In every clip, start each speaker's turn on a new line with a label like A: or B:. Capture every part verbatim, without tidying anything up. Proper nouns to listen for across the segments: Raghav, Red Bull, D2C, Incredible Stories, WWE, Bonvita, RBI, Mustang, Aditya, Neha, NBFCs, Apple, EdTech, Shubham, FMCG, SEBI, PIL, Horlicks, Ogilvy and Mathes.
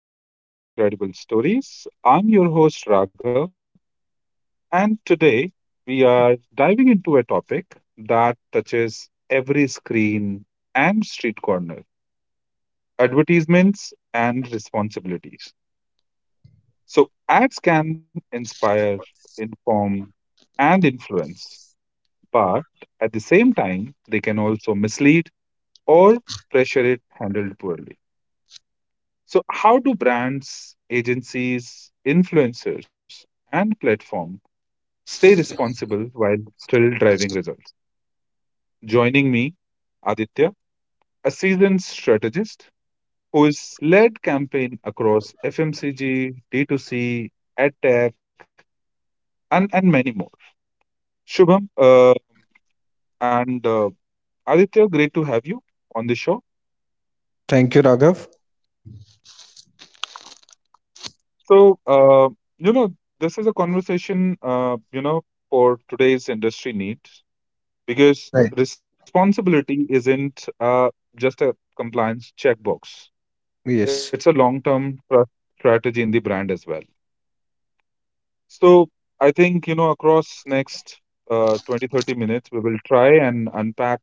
A: welcome to Incredible Stories. I'm your host Raghav, and today we are diving into a topic that touches every screen and street corner advertisements and responsibilities. So, ads can inspire, inform, and influence, but at the same time, they can also mislead or pressure it handled poorly. So, how do brands, agencies, influencers, and platform stay responsible while still driving results? Joining me, Aditya, a seasoned strategist who has led campaign across F M C G, D two C, EdTech, and, and many more. Shubham uh, and uh, Aditya, great to have you on the show.
B: Thank you, Raghav.
A: So, uh, you know, this is a conversation, uh, you know, for today's industry need. Because
B: Right.
A: responsibility isn't uh, just a compliance checkbox. It's a
B: Yes,
A: long-term trust strategy in the brand as well. So I think, you know, across next uh, twenty thirty minutes, we will try and unpack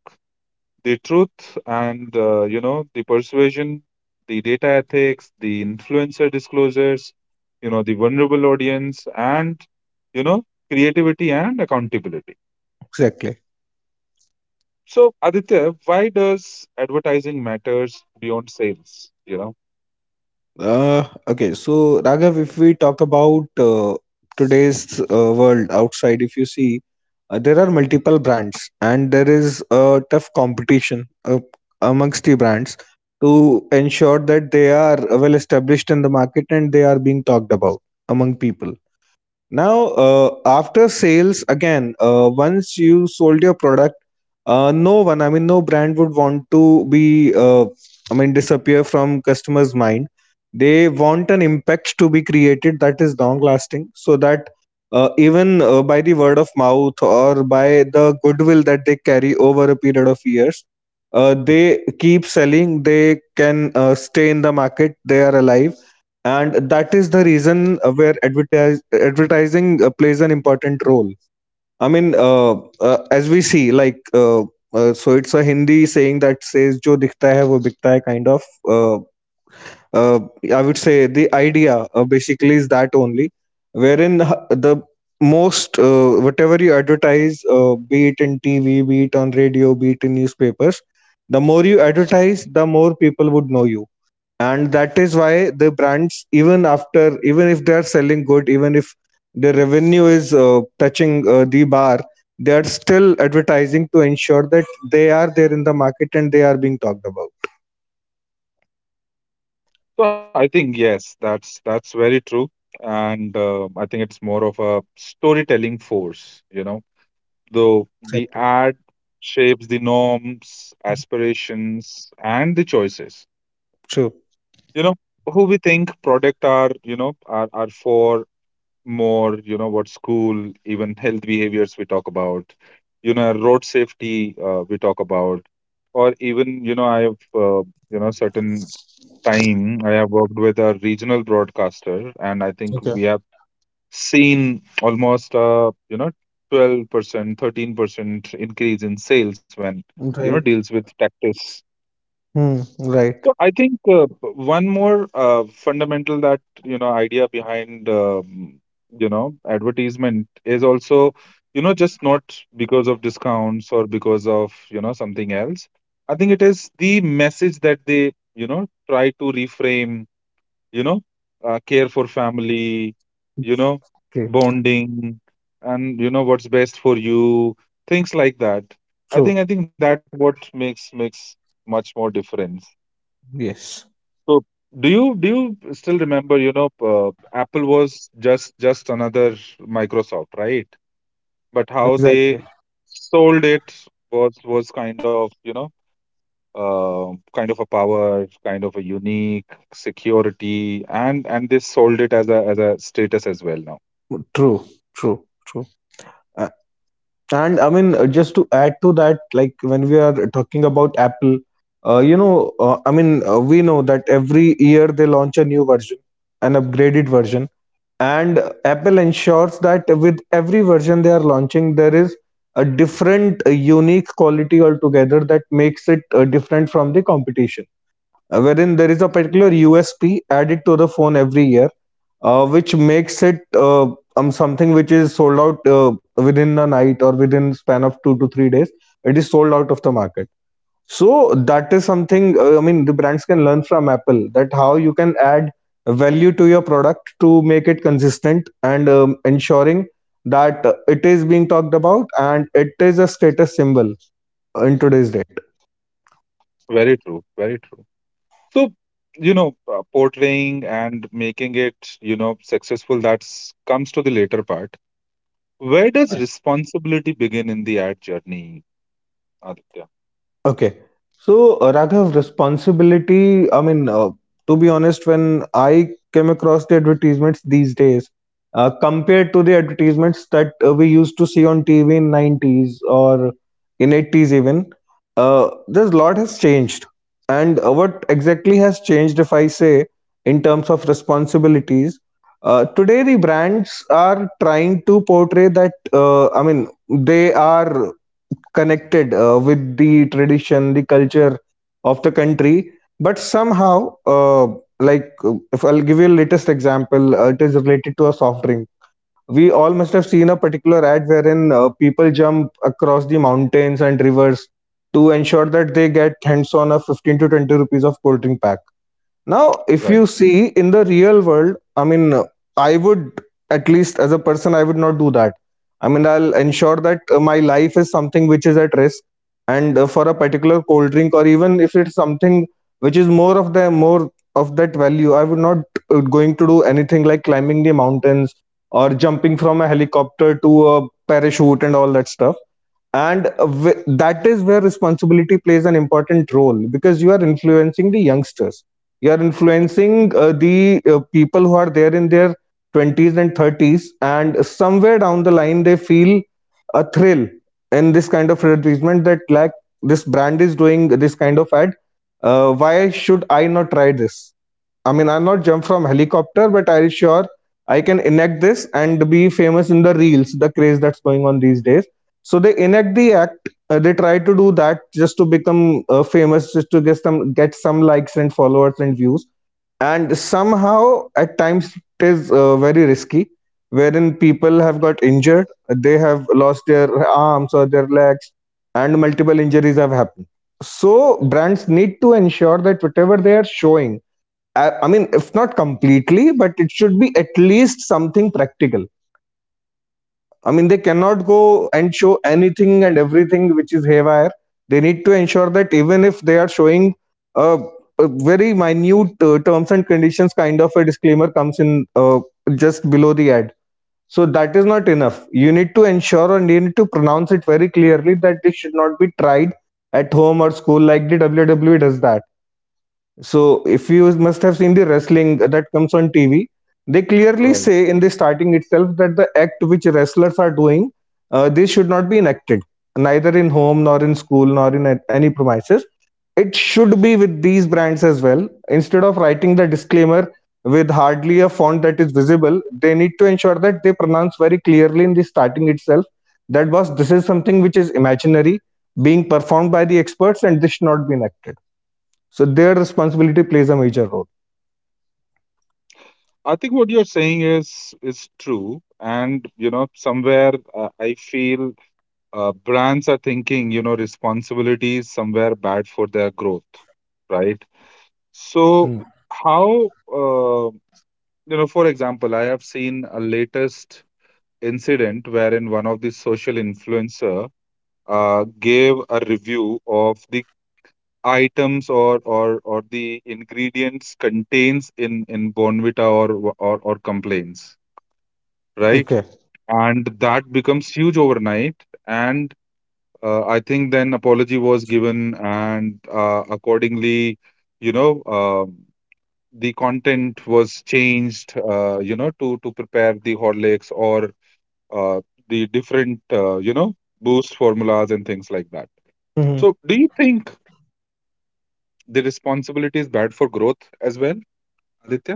A: the truth and, uh, you know, the persuasion, the data ethics, the influencer disclosures, you know, the vulnerable audience and, you know, creativity and accountability.
B: exactly.
A: So Aditya, why does advertising matters beyond sales? You know,
B: Uh, okay, so Raghav, if we talk about uh, today's uh, world outside, if you see, uh, there are multiple brands, and there is a tough competition uh, amongst the brands to ensure that they are well established in the market and they are being talked about among people. Now, uh, after sales, again, uh, once you sold your product, uh, no one, I mean, no brand would want to be, uh, I mean, disappear from customers' mind. They want an impact to be created that is long lasting, so that uh, even uh, by the word of mouth or by the goodwill that they carry over a period of years, uh, they keep selling. They can uh, stay in the market. They are alive, and that is the reason uh, where advertise, advertising uh, plays an important role. i mean uh, uh, as we see, like uh, uh, so it's a Hindi saying that says jo dikhta hai wo bikta hai, kind of. uh, uh, I would say the idea uh, basically is that only, wherein h- the most, uh, whatever you advertise, uh, be it in TV, be it on radio, be it in newspapers, the more you advertise, the more people would know you. And that is why the brands, even after, even if they are selling good, even if the revenue is uh, touching uh, the bar, they are still advertising to ensure that they are there in the market and they are being talked about.
A: so I think yes, that's that's very true, and uh, I think it's more of a storytelling force. You know, though the
B: Exactly.
A: ad shapes the norms, aspirations, and the choices.
B: True.
A: You know, who we think product are, you know, are are for, more, you know, what school, even health behaviors we talk about, you know, road safety uh, we talk about, or even, you know, I have, uh, you know, certain time I have worked with a regional broadcaster, and I think
B: Okay.
A: we have seen almost, uh, you know, twelve percent, thirteen percent increase in sales when, you know,
B: Okay, right.
A: deals with tactics.
B: Hmm. Right.
A: So I think uh, one more uh, fundamental that you know idea behind um, you know advertisement is also you know just not because of discounts or because of you know something else. I think it is the message that they you know try to reframe. You know, uh, care for family. You know,
B: Okay.
A: bonding, and you know what's best for you. Things like that. I
B: True.
A: think I think that what makes makes much more difference.
B: Yes.
A: So do you do you still remember, you know, uh, Apple was just just another Microsoft, right? But how they
B: Exactly.
A: sold it was was kind of, you know, um kind of a power, kind of a unique security, and and they sold it as a as a status as well now.
B: True. True, true. And I mean, uh, just to add to that, like when we are talking about Apple, uh, you know, uh, I mean, uh, we know that every year they launch a new version, an upgraded version, and Apple ensures that with every version they are launching, there is a different, uh, unique quality altogether that makes it uh, different from the competition. Uh, wherein there is a particular U S P added to the phone every year, uh, which makes it uh, um, something which is sold out uh, within a night or within span of two to three days. It is sold out of the market. So that is something. Uh, I mean, the brands can learn from Apple that how you can add value to your product to make it consistent and um, ensuring that uh, it is being talked about and it is a status symbol in today's day.
A: Very true, very true. So, you know, uh, portraying and making it, you know, successful, that's comes to the later part. Where does responsibility begin in the ad journey? Aditya.
B: Okay. So, uh, Raghav, responsibility, I mean, uh, to be honest, when I came across the advertisements these days, uh, compared to the advertisements that uh, we used to see on T V in nineties or in eighties even, uh, there's a lot has changed. And uh, what exactly has changed, if I say, in terms of responsibilities, uh, today the brands are trying to portray that, uh, I mean, they are connected uh, with the tradition, the culture of the country. But somehow, uh, like uh, if I'll give you a latest example, uh, it is related to a soft drink. We all must have seen a particular ad wherein uh, people jump across the mountains and rivers to ensure that they get hands on a fifteen to twenty rupees of cold drink pack. Now, if
A: Right,
B: you see in the real world, I mean, uh, I would, at least as a person, I would not do that. I mean, I'll ensure that uh, my life is something which is at risk. And uh, for a particular cold drink, or even if it's something which is more of the more of that value, I would not uh, going to do anything like climbing the mountains or jumping from a helicopter to a parachute and all that stuff. And uh, wh- that is where responsibility plays an important role, because you are influencing the youngsters, you are influencing uh, the uh, people who are there in their twenties and thirties, and somewhere down the line they feel a thrill in this kind of advertisement, that like this brand is doing this kind of ad, uh, why should I not try this? I mean, I'm not jump from helicopter, but I sure I can enact this and be famous in the reels, the craze that's going on these days. So they enact the act. Uh, they try to do that just to become uh, famous, just to get some get some likes and followers and views. And somehow, at times, it is uh, very risky, wherein people have got injured. They have lost their arms or their legs, and multiple injuries have happened. So brands need to ensure that whatever they are showing, I, I mean, if not completely, but it should be at least something practical. I mean, they cannot go and show anything and everything which is haywire. They need to ensure that even if they are showing uh, a very minute uh, terms and conditions kind of a disclaimer comes in uh, just below the ad. So that is not enough. You need to ensure and you need to pronounce it very clearly that it should not be tried at home or school, like the W W E does that. So if you must have seen the wrestling that comes on T V, they clearly
A: right.
B: say in the starting itself that the act which wrestlers are doing, uh, they should not be enacted neither in home nor in school nor in a- any premises. It should be with these brands as well. Instead of writing the disclaimer with hardly a font that is visible, they need to ensure that they pronounce very clearly in the starting itself that was this is something which is imaginary, being performed by the experts, and this should not be enacted. So their responsibility plays a major role.
A: I think what you're saying is is true, and you know, somewhere uh, I feel uh, brands are thinking, you know, responsibility is somewhere bad for their growth, right? So
B: Mm.
A: how, uh, you know, for example, I have seen a latest incident wherein one of the social influencer uh, gave a review of the items or or or the ingredients contains in in Bonvita or or or complaints, right?
B: Okay.
A: And that becomes huge overnight. And uh, I think then apology was given, and uh, accordingly, you know, um the content was changed, uh, you know, to to prepare the Horlicks or uh, the different, uh, you know, boost formulas and things like that. So, do you think the responsibility is bad for growth as well? Aditya?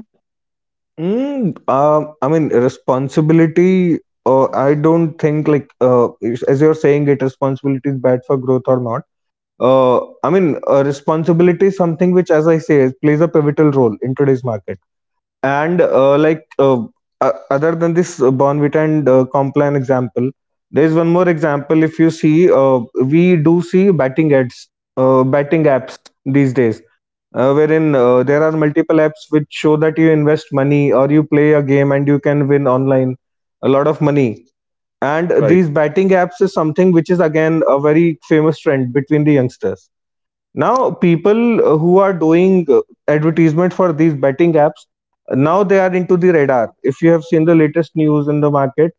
B: Lot of money. And
A: Right,
B: these betting apps is something which is again a very famous trend between the youngsters. Now, people uh, who are doing uh, advertisement for these betting apps, uh, now they are into the radar. If you have seen the latest news in the market,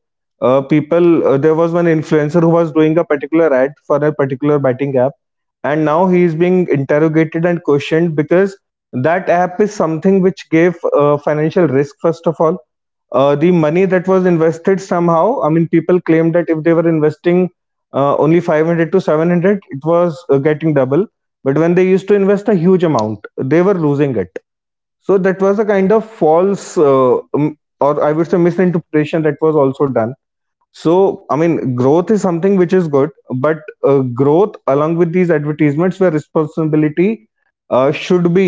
B: uh, people, uh, there was one influencer who was doing a particular ad for a particular betting app, and now he is being interrogated and questioned because that app is something which gave uh, financial risk. First of all, uh, the money that was invested, somehow, I mean, people claimed that if they were investing uh, only five hundred to seven hundred, it was uh, getting double, but when they used to invest a huge amount, they were losing it. So that was a kind
A: right.
B: of false uh, um, or I would say misinterpretation that was also done. So I mean, growth is something which is good, but uh, growth along with these advertisements where responsibility uh, should be.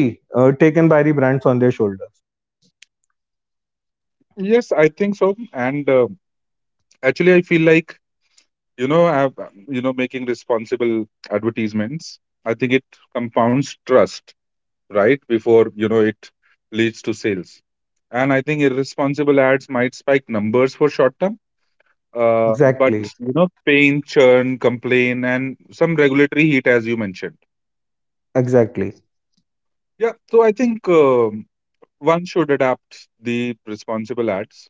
A: Yes, I think so. And uh, actually, I feel like, you know, I've, um, you know, making responsible advertisements, I think it compounds trust, right? Before, you know, it leads to sales. And I think irresponsible ads might spike numbers for short term, uh, but, you know, pain, churn, complain, and some regulatory heat, as you mentioned. Yeah, so I think um one should adapt the responsible ads.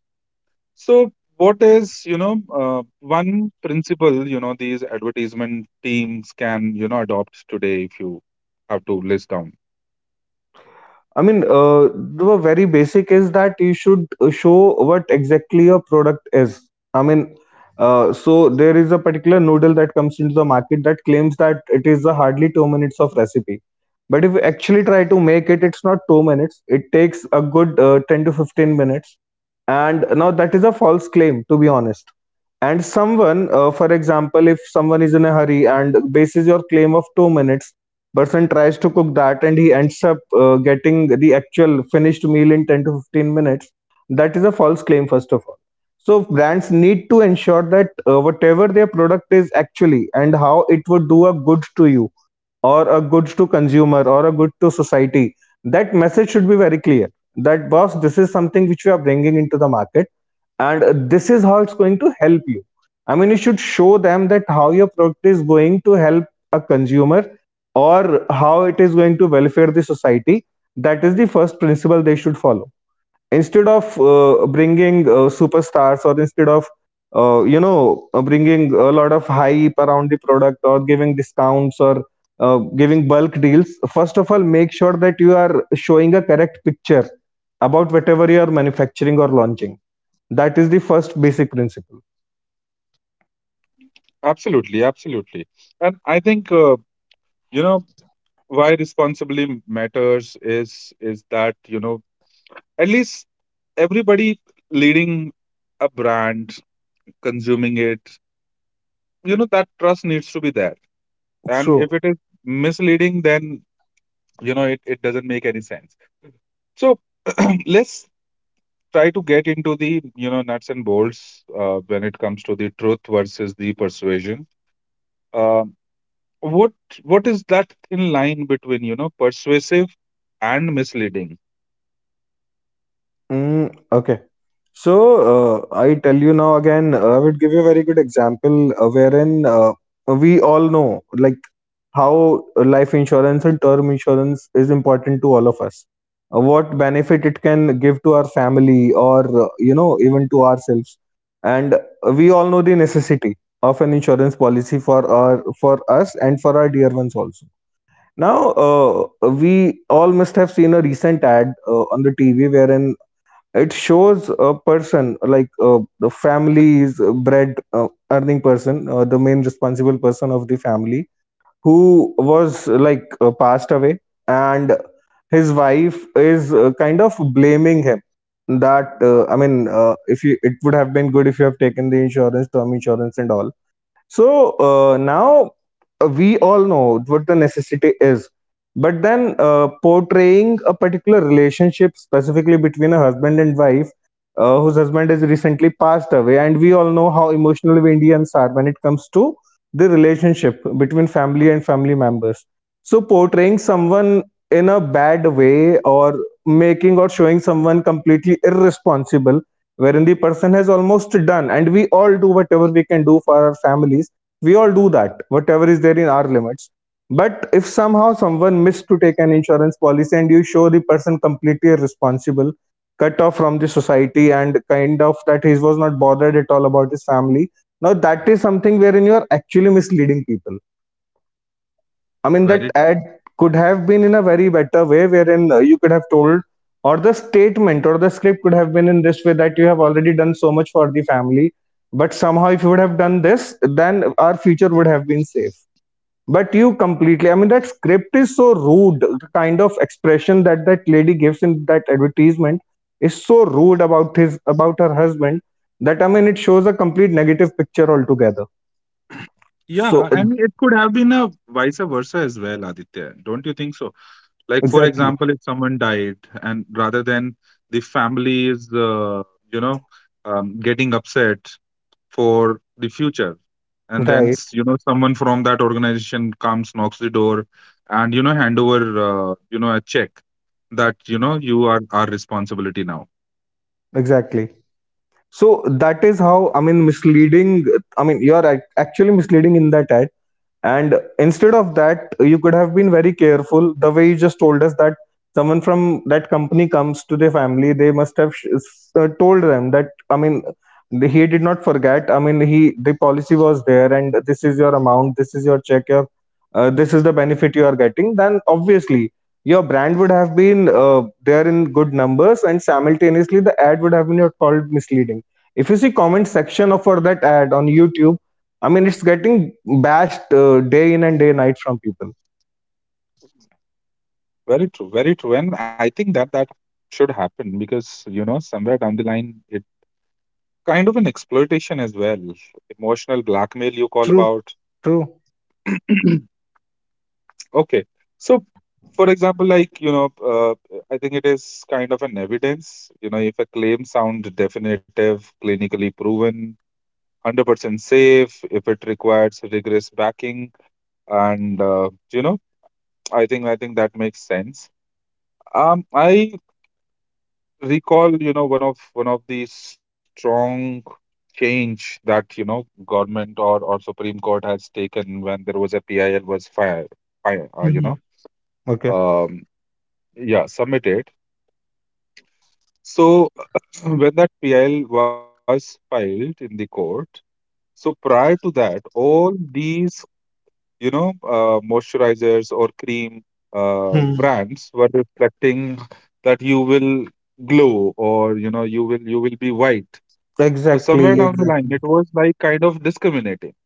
A: So, what is, you know, uh, one principle, you know, these advertisement teams can, you know, adopt today if you have to list down?
B: For example, if someone is in a hurry and bases your claim of two minutes, person tries to cook that and he ends up uh, getting the actual finished meal in ten to fifteen minutes, that is a false claim, first of all. So, brands need to ensure that uh, whatever their product is actually and how it would do a good to you, or a good to consumer, or a good to society, that message should be very clear, that boss, this is something which we are bringing into the market, and uh, this is how it's going to help you. I mean, you should show them that how your product is going to help a consumer or how it is going to welfare the society. That is the first principle they should follow, instead of uh, bringing uh, superstars, or instead of uh, you know uh, bringing a lot of hype around the product or giving discounts or uh, giving bulk deals. First of all, make sure that you are showing a correct picture about whatever you are manufacturing or launching. That is the first basic principle.
A: Absolutely, absolutely. And I think, uh, you know, why responsibly matters is is that, you know, at least everybody leading a brand, consuming it, you know, that trust needs to be there. And if it is misleading, then, you know, it, it doesn't make any sense. So, let's try to get into the you know nuts and bolts uh, when it comes to the truth versus the persuasion. Um what what is that thin line between you know persuasive and misleading?
B: Of the family who was like uh, passed away, and his wife is uh, kind of blaming him that uh, I mean, uh, if you, it would have been good if you have taken the insurance, term insurance and all. So uh, now, uh, we all know what the necessity is. But then uh, portraying a particular relationship, specifically between a husband and wife, uh, whose husband has recently passed away, and we all know how emotional we Indians are when it comes to the relationship between family and family members. So portraying someone in a bad way or making or showing someone completely irresponsible, wherein the person has almost done and we all do whatever we can do for our families. We all do that, whatever is there in our limits, but if somehow someone missed to take an insurance policy and you show the person completely irresponsible, cut off from the society and kind of that he was not bothered at all about his family, now that is something wherein you are actually misleading people. I mean, that
A: Very true.
B: ad could have been in a very better way, wherein uh, you could have told, or the statement or the script could have been in this way that you have already done so much for the family. But somehow, if you would have done this, then our future would have been safe. But you completely, I mean, that script is so rude. The kind of expression that that lady gives in that advertisement is so rude about his about her husband, that I mean, it shows a complete negative picture altogether.
A: Yeah,
B: So uh,
A: and it could have been a vice versa as well, Aditya. Don't you think so? Like, for
B: exactly.
A: example, if someone died, and rather than the family is, uh, you know, um, getting upset, for the future and then
B: Right,
A: s- you know someone from that organization comes knocks the door and you know hand over uh, you know a check that you know you are our responsibility now.
B: exactly. So that is how, I mean, misleading. I mean, you are ac- actually misleading in that ad, and instead of that you could have been very careful the way you just told us that someone from that company comes to their family, they must have sh- s- uh, told them that, I mean, the- he did not forget, I mean, he, the policy was there and this is your amount, this is your check, your uh, this is the benefit you are getting. Then obviously your brand would have been uh, there in good numbers and simultaneously the ad would have been your called misleading. If you see comment section of for that ad on YouTube, I mean, it's getting bashed uh, day in and day night from people.
A: Very true, very true. And I think that that should happen because, you know, somewhere down the line, it kind of an exploitation as well. Emotional blackmail you call
B: True,
A: about.
B: true.
A: Okay. So for example, like, you know, uh, I think it is kind of an evidence. You know, if a claim sound definitive, clinically proven, one hundred percent safe, if it requires rigorous backing, and, uh, you know, I think, I think that makes sense. Um, I recall, you know, one of, one of the strong change that, you know, government or, or Supreme Court has taken when there was a P I L was fire, fire, uh, you know,
B: Mhm. Okay.
A: um, yeah, submitted. So when that P L was filed in the court, so prior to that, all these you know uh, moisturizers or cream uh,
B: Hmm.
A: brands were reflecting that you will glow or you know you will you will be white. So somewhere
B: Exactly.
A: down the line,
B: Exactly.
A: it was like kind of discriminating.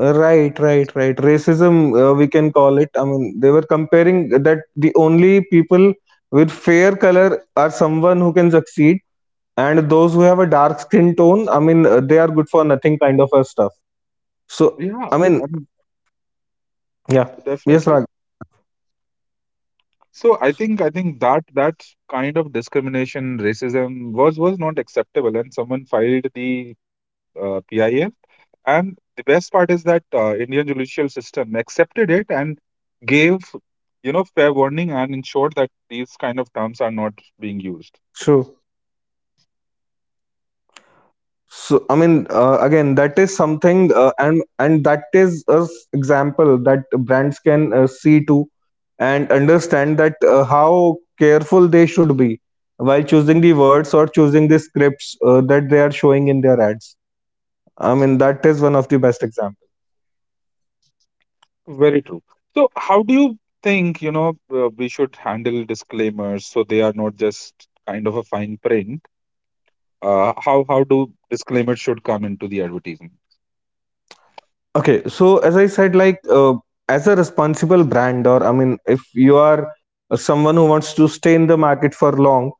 B: Uh, right, right, right. Racism, uh, we can call it. I mean, they were comparing that the only people with fair color are someone who can succeed, and those who have a dark skin tone, I mean, uh, they are good for nothing kind of a stuff. So,
A: Yeah,
B: I mean,
A: I mean,
B: yeah. Yes,
A: definitely.
B: Rag.
A: So I think I think that that kind of discrimination, racism was was not acceptable, and someone filed the uh, P I F. And the best part is that uh, Indian judicial system accepted it and gave you know fair warning and ensured that these kind of terms are not being used.
B: True. So I mean, uh, again, that is something, uh, and and that is a s- example that brands can uh, see to and understand that uh, how careful they should be while choosing the words or choosing the scripts uh, that they are showing in their ads. I mean, that is one of the best examples.
A: Very true. So how do you think you know uh, we should handle disclaimers so they are not just kind of a fine print? Uh, how how do disclaimers should come into the advertisement?
B: Okay, so as I said, like uh, as a responsible brand, or I mean, if you are uh, someone who wants to stay in the market for long,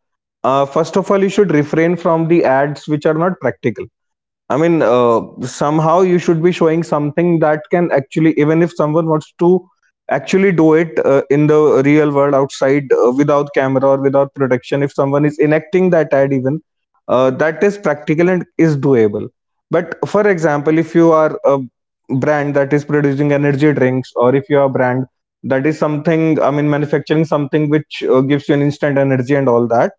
B: uh, first of all, you should refrain from the ads which are not practical. I mean, uh, somehow you should be showing something that can actually, even if someone wants to actually do it uh, in the real world outside uh, without camera or without protection, if someone is enacting that ad, even uh, that is practical and is doable. But for example, if you are a brand that is producing energy drinks, or if you are a brand that is something, I mean, manufacturing something which uh, gives you an instant energy and all that,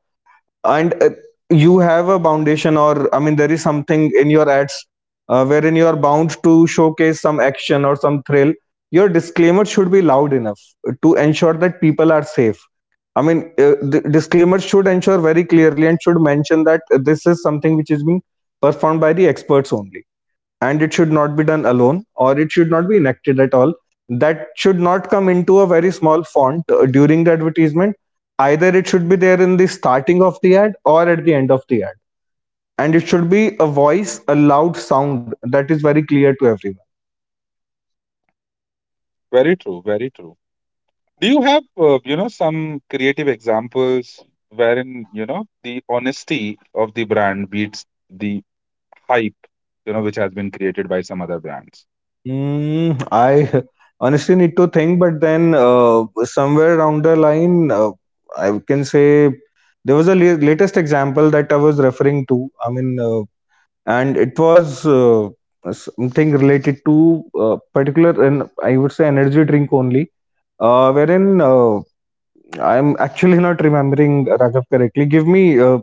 B: and uh, you have a foundation or I mean there is something in your ads uh, wherein you are bound to showcase some action or some thrill, your disclaimer should be loud enough to ensure that people are safe. I mean, uh, the disclaimer should ensure very clearly and should mention that this is something which is being performed by the experts only, and it should not be done alone or it should not be enacted at all. That should not come into a very small font uh, during the advertisement. Either it should be there in the starting of the ad or at the end of the ad. And it should be a voice, a loud sound that is very clear to everyone.
A: Very true, very true. Do you have, uh, you know, some creative examples wherein, you know, the honesty of the brand beats the hype, you know, which has been created by some other brands?
B: Mm, I honestly need to think, but then uh, somewhere down the line, uh, I can say there was a la- latest example that I was referring to. I mean, uh, and it was uh, something related to uh, particular, and I would say energy drink only, uh, wherein uh, I'm actually not remembering Raghav correctly. Give me uh,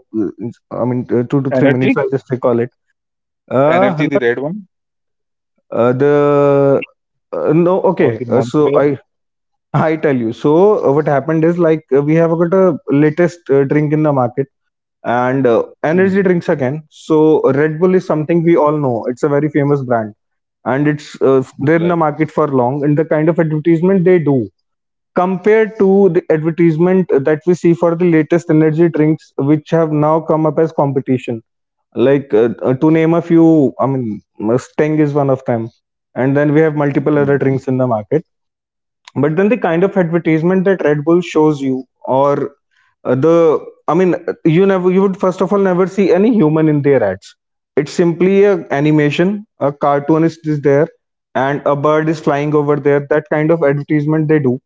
B: I mean uh, two to three minutes, I'll
A: Energy,
B: just recall it. Uh,
A: energy,
B: not,
A: the red one,
B: uh the uh, no, okay,
A: or
B: uh,
A: the
B: so I
A: monster?
B: I tell you. So uh, what happened is like uh, we have got a latest uh, drink in the market, and uh, energy
A: Hmm,
B: drinks again. So Red Bull is something we all know, it's a very famous brand, and it's uh,
A: Right.
B: they're in the market for long, and the kind of advertisement they do compared to the advertisement that we see for the latest energy drinks which have now come up as competition, like uh, uh, to name a few, I mean Mustang is one of them, and then we have multiple other
A: Hmm.
B: drinks in the market. But then the kind of advertisement that Red Bull shows you or uh, the I mean, uh, you never, you would first of all never see any human in their ads. It's simply a animation. A cartoonist is there, and a bird is flying over there. That kind of advertisement they do,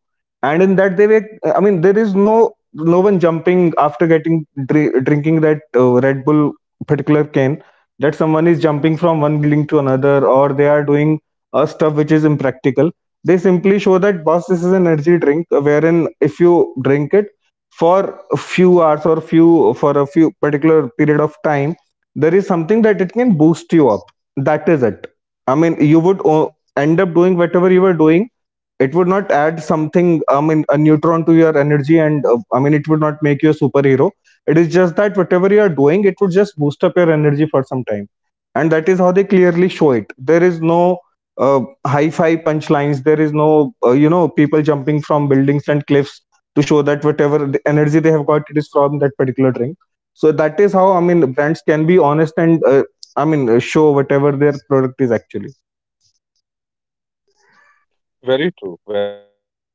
B: and in that they make. I mean, there is no no one jumping after getting dri- drinking that uh, Red Bull particular can. That someone is jumping from one building to another, or they are doing uh, stuff which is impractical. They simply show that boss, this is an energy drink, wherein if you drink it for a few hours or few for a few particular period of time, there is something that it can boost you up. That is it. I mean, you would o- end up doing whatever you were doing. It would not add something, I mean a neutron, to your energy, and uh, I mean it would not make you a superhero. It is just that whatever you are doing, it would just boost up your energy for some time. And that is how they clearly show it. There is no uh, hi-fi punchlines. There is no uh, you know, people jumping from buildings and cliffs to show that whatever the energy they have got, it is from that particular drink. So that is how, I mean, brands can be honest and uh, I mean uh, show whatever their product is actually.
A: Very true, very true.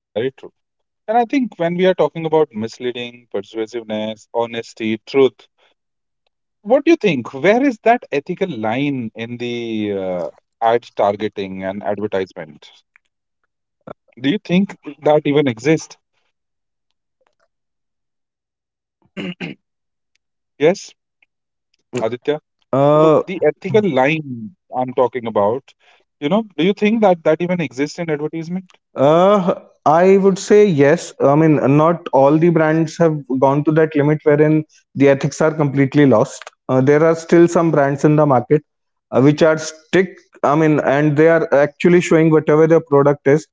A: And I think when we are talking about misleading, persuasiveness, honesty, truth, what do you think? Where is that ethical line in the uh, ad targeting and advertisement? Do you think that even exists? Yes, Aditya. So
B: Uh,
A: the ethical line I'm talking about, you know, do you think that that even exists in advertisement?
B: uh, I would say yes. I mean, not all the brands have gone to that limit wherein the ethics are completely lost. Uh, there are still some brands in the market uh, which are strict. I mean, and they are actually showing whatever their product is.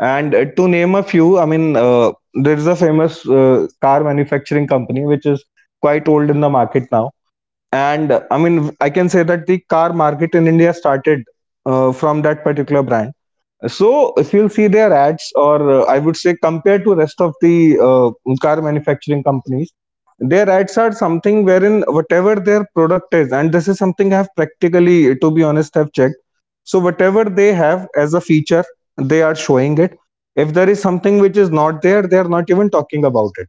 B: And uh, to name a few, I mean, uh, there is a famous uh, car manufacturing company which is quite old in the market now. And uh, I mean, I can say that the car market in India started uh, from that particular brand. So if you'll see their ads, or uh, I would say compared to rest of the uh, car manufacturing companies, their ads are something wherein whatever their product is, and this is something I have practically, to be honest, have checked. So whatever they have as a feature, they are showing it. If there is something which is not there, they are not even talking about it.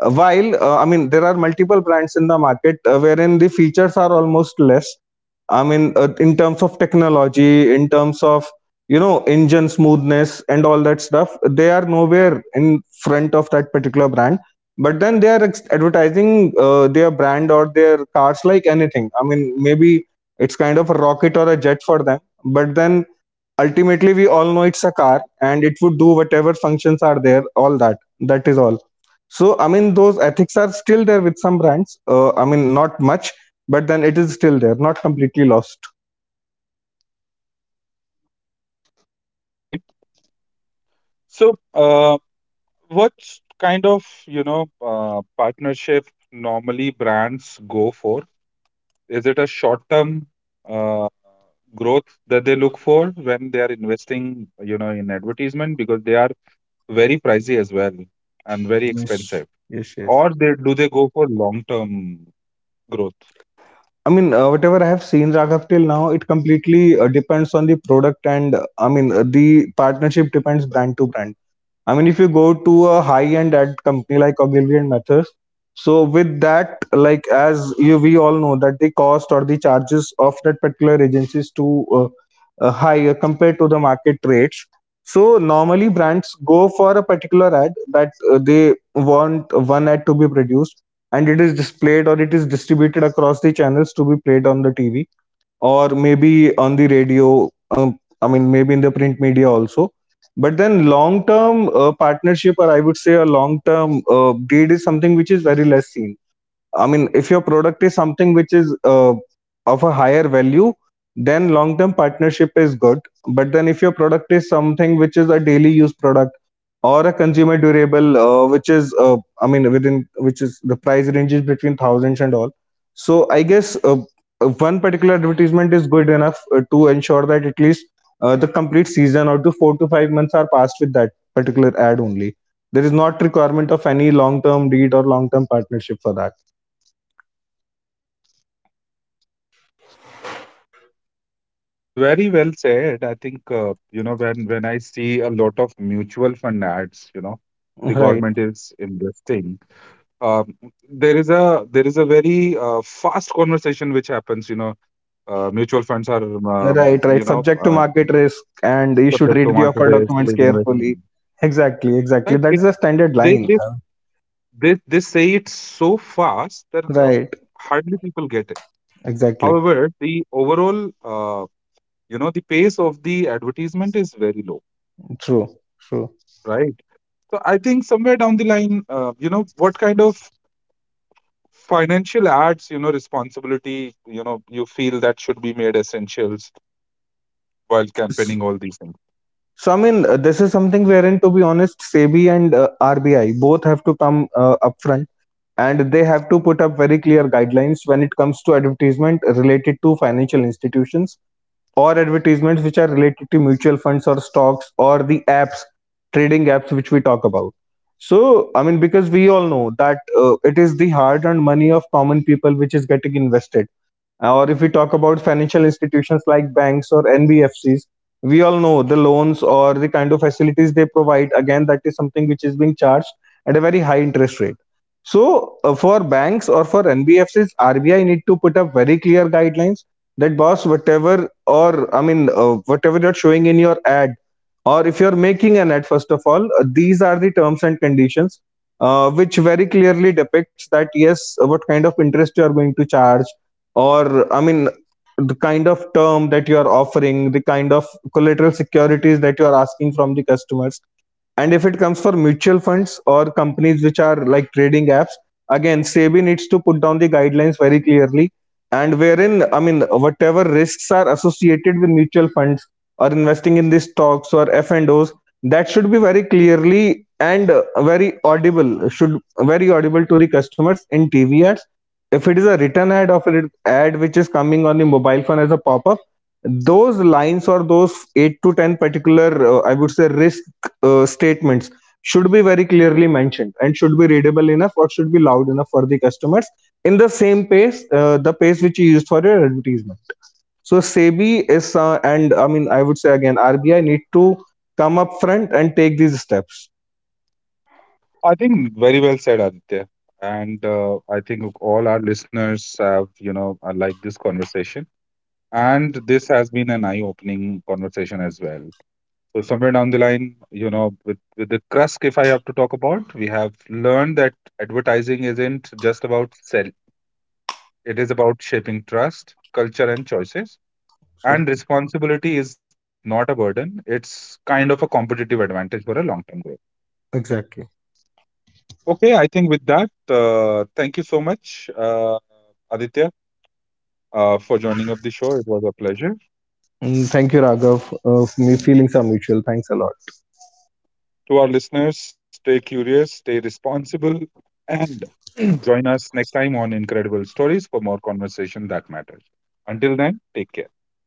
B: Uh, While uh, I mean, there are multiple brands in the market uh, wherein the features are almost less, I mean, uh, in terms of technology, in terms of, you know, engine smoothness and all that stuff, they are nowhere in front of that particular brand. But then they are ex- advertising uh, their brand or their cars like anything. I mean, maybe it's kind of a rocket or a jet for them. But then ultimately, we all know it's a car and it would do whatever functions are there. All that. That is all. So I mean, those ethics are still there with some brands. Uh, I mean, not much, but then it is still there, not completely lost.
A: Okay. So uh, what kind of, you know, uh, partnership normally brands go for? Is it a short-term uh, growth that they look for when they are investing, you know, in advertisement because they are very pricey as well and very
B: Yes,
A: expensive?
B: yes, yes.
A: Or they do they go for long term growth?
B: I mean, uh, whatever I have seen, Raghav, till now, it completely uh, depends on the product, and uh, I mean, uh, the partnership depends brand to brand. I mean, if you go to a high-end ad company like Ogilvy and Mathes, so with that, like as you we all know that the cost or the charges of that particular agency is too uh, uh, higher compared to the market rates. So normally brands go for a particular ad that uh, they want one ad to be produced and it is displayed or it is distributed across the channels to be played on the T V or maybe on the radio, um, I mean maybe in the print media also. But then long term uh, partnership, or I would say a long term uh, deal, is something which is very less seen. I mean, if your product is something which is uh, of a higher value, then long term partnership is good. But then if your product is something which is a daily use product or a consumer durable uh, which is uh, I mean within, which is the price ranges between thousands and all, so I guess uh, uh, one particular advertisement is good enough uh, to ensure that at least uh, the complete season or to four to five months are passed with that particular ad only. There is not requirement of any long term deed or long term partnership for that.
A: Very well said. I think uh, you know when when I see a lot of mutual fund ads, you know, the
B: Right,
A: government is investing. Um, there is a there is a very uh, fast conversation which happens. You know, uh, mutual funds are um,
B: right, right,
A: you know
B: subject to
A: uh,
B: market risk, and you should
A: subject to
B: read the
A: market
B: offer
A: based
B: documents
A: please invest in.
B: carefully. Exactly, exactly,
A: Right?
B: that
A: It
B: is a standard
A: they
B: line.
A: they
B: Huh?
A: they they say it so fast that
B: Right,
A: hardly people get it.
B: exactly.
A: However, the overall uh. you know the pace of the advertisement is very low,
B: True, true.
A: right? So I think somewhere down the line uh, you know what kind of financial ads you know responsibility you know you feel that should be made essentials while
B: S-
A: campaigning all these things.
B: So I mean, uh, this is something wherein, to be honest, SEBI and uh, R B I both have to come uh, up front, and they have to put up very clear guidelines when it comes to advertisement related to financial institutions, or advertisements which are related to mutual funds or stocks or the apps, trading apps which we talk about. So I mean, because we all know that uh, it is the hard-earned money of common people which is getting invested. Uh, or if we talk about financial institutions like banks or N B F Cs, we all know the loans or the kind of facilities they provide. Again, that is something which is being charged at a very high interest rate. So, uh, for banks or for N B F Cs, R B I need to put up very clear guidelines that boss, whatever, or I mean, uh, whatever you're showing in your ad, or if you're making an ad, first of all, uh, these are the terms and conditions uh, which very clearly depicts that yes, what kind of interest you are going to charge, or I mean, the kind of term that you are offering, the kind of collateral securities that you are asking from the customers. And if it comes for mutual funds or companies which are like trading apps, again, SEBI needs to put down the guidelines very clearly. And wherein, I mean, whatever risks are associated with mutual funds or investing in these stocks or F and Os, that should be very clearly and uh, very audible, should very audible to the customers in T V ads. If it is a written ad or an ad which is coming on the mobile phone as a pop-up, those lines or those eight to ten particular uh, I would say risk uh, statements should be very clearly mentioned and should be readable enough or should be loud enough for the customers in the same pace, uh, the pace which you used for your advertisement. So SEBI is uh, and I mean I would say again RBI need to come up front and take these steps.
A: I think very well said Aditya, and uh, I think all our listeners have you know uh, liked this conversation and this has been an eye opening conversation as well. So somewhere down the line, you know, with, with the Krusk, if I have to talk about, we have learned that advertising isn't just about sell. It is about shaping trust, culture, and choices.
B: So
A: And responsibility is not a burden. It's kind of a competitive advantage for a long-term growth.
B: exactly.
A: Okay, I think with that, uh, thank you so much, uh, Aditya, uh, for joining up the show. It was a pleasure.
B: Mm, thank you, Raghav, uh, for me feelings are mutual, thanks a lot.
A: To our listeners, stay curious, stay responsible, and join us next time on Incredible Stories for more conversation that matters. Until then, take care.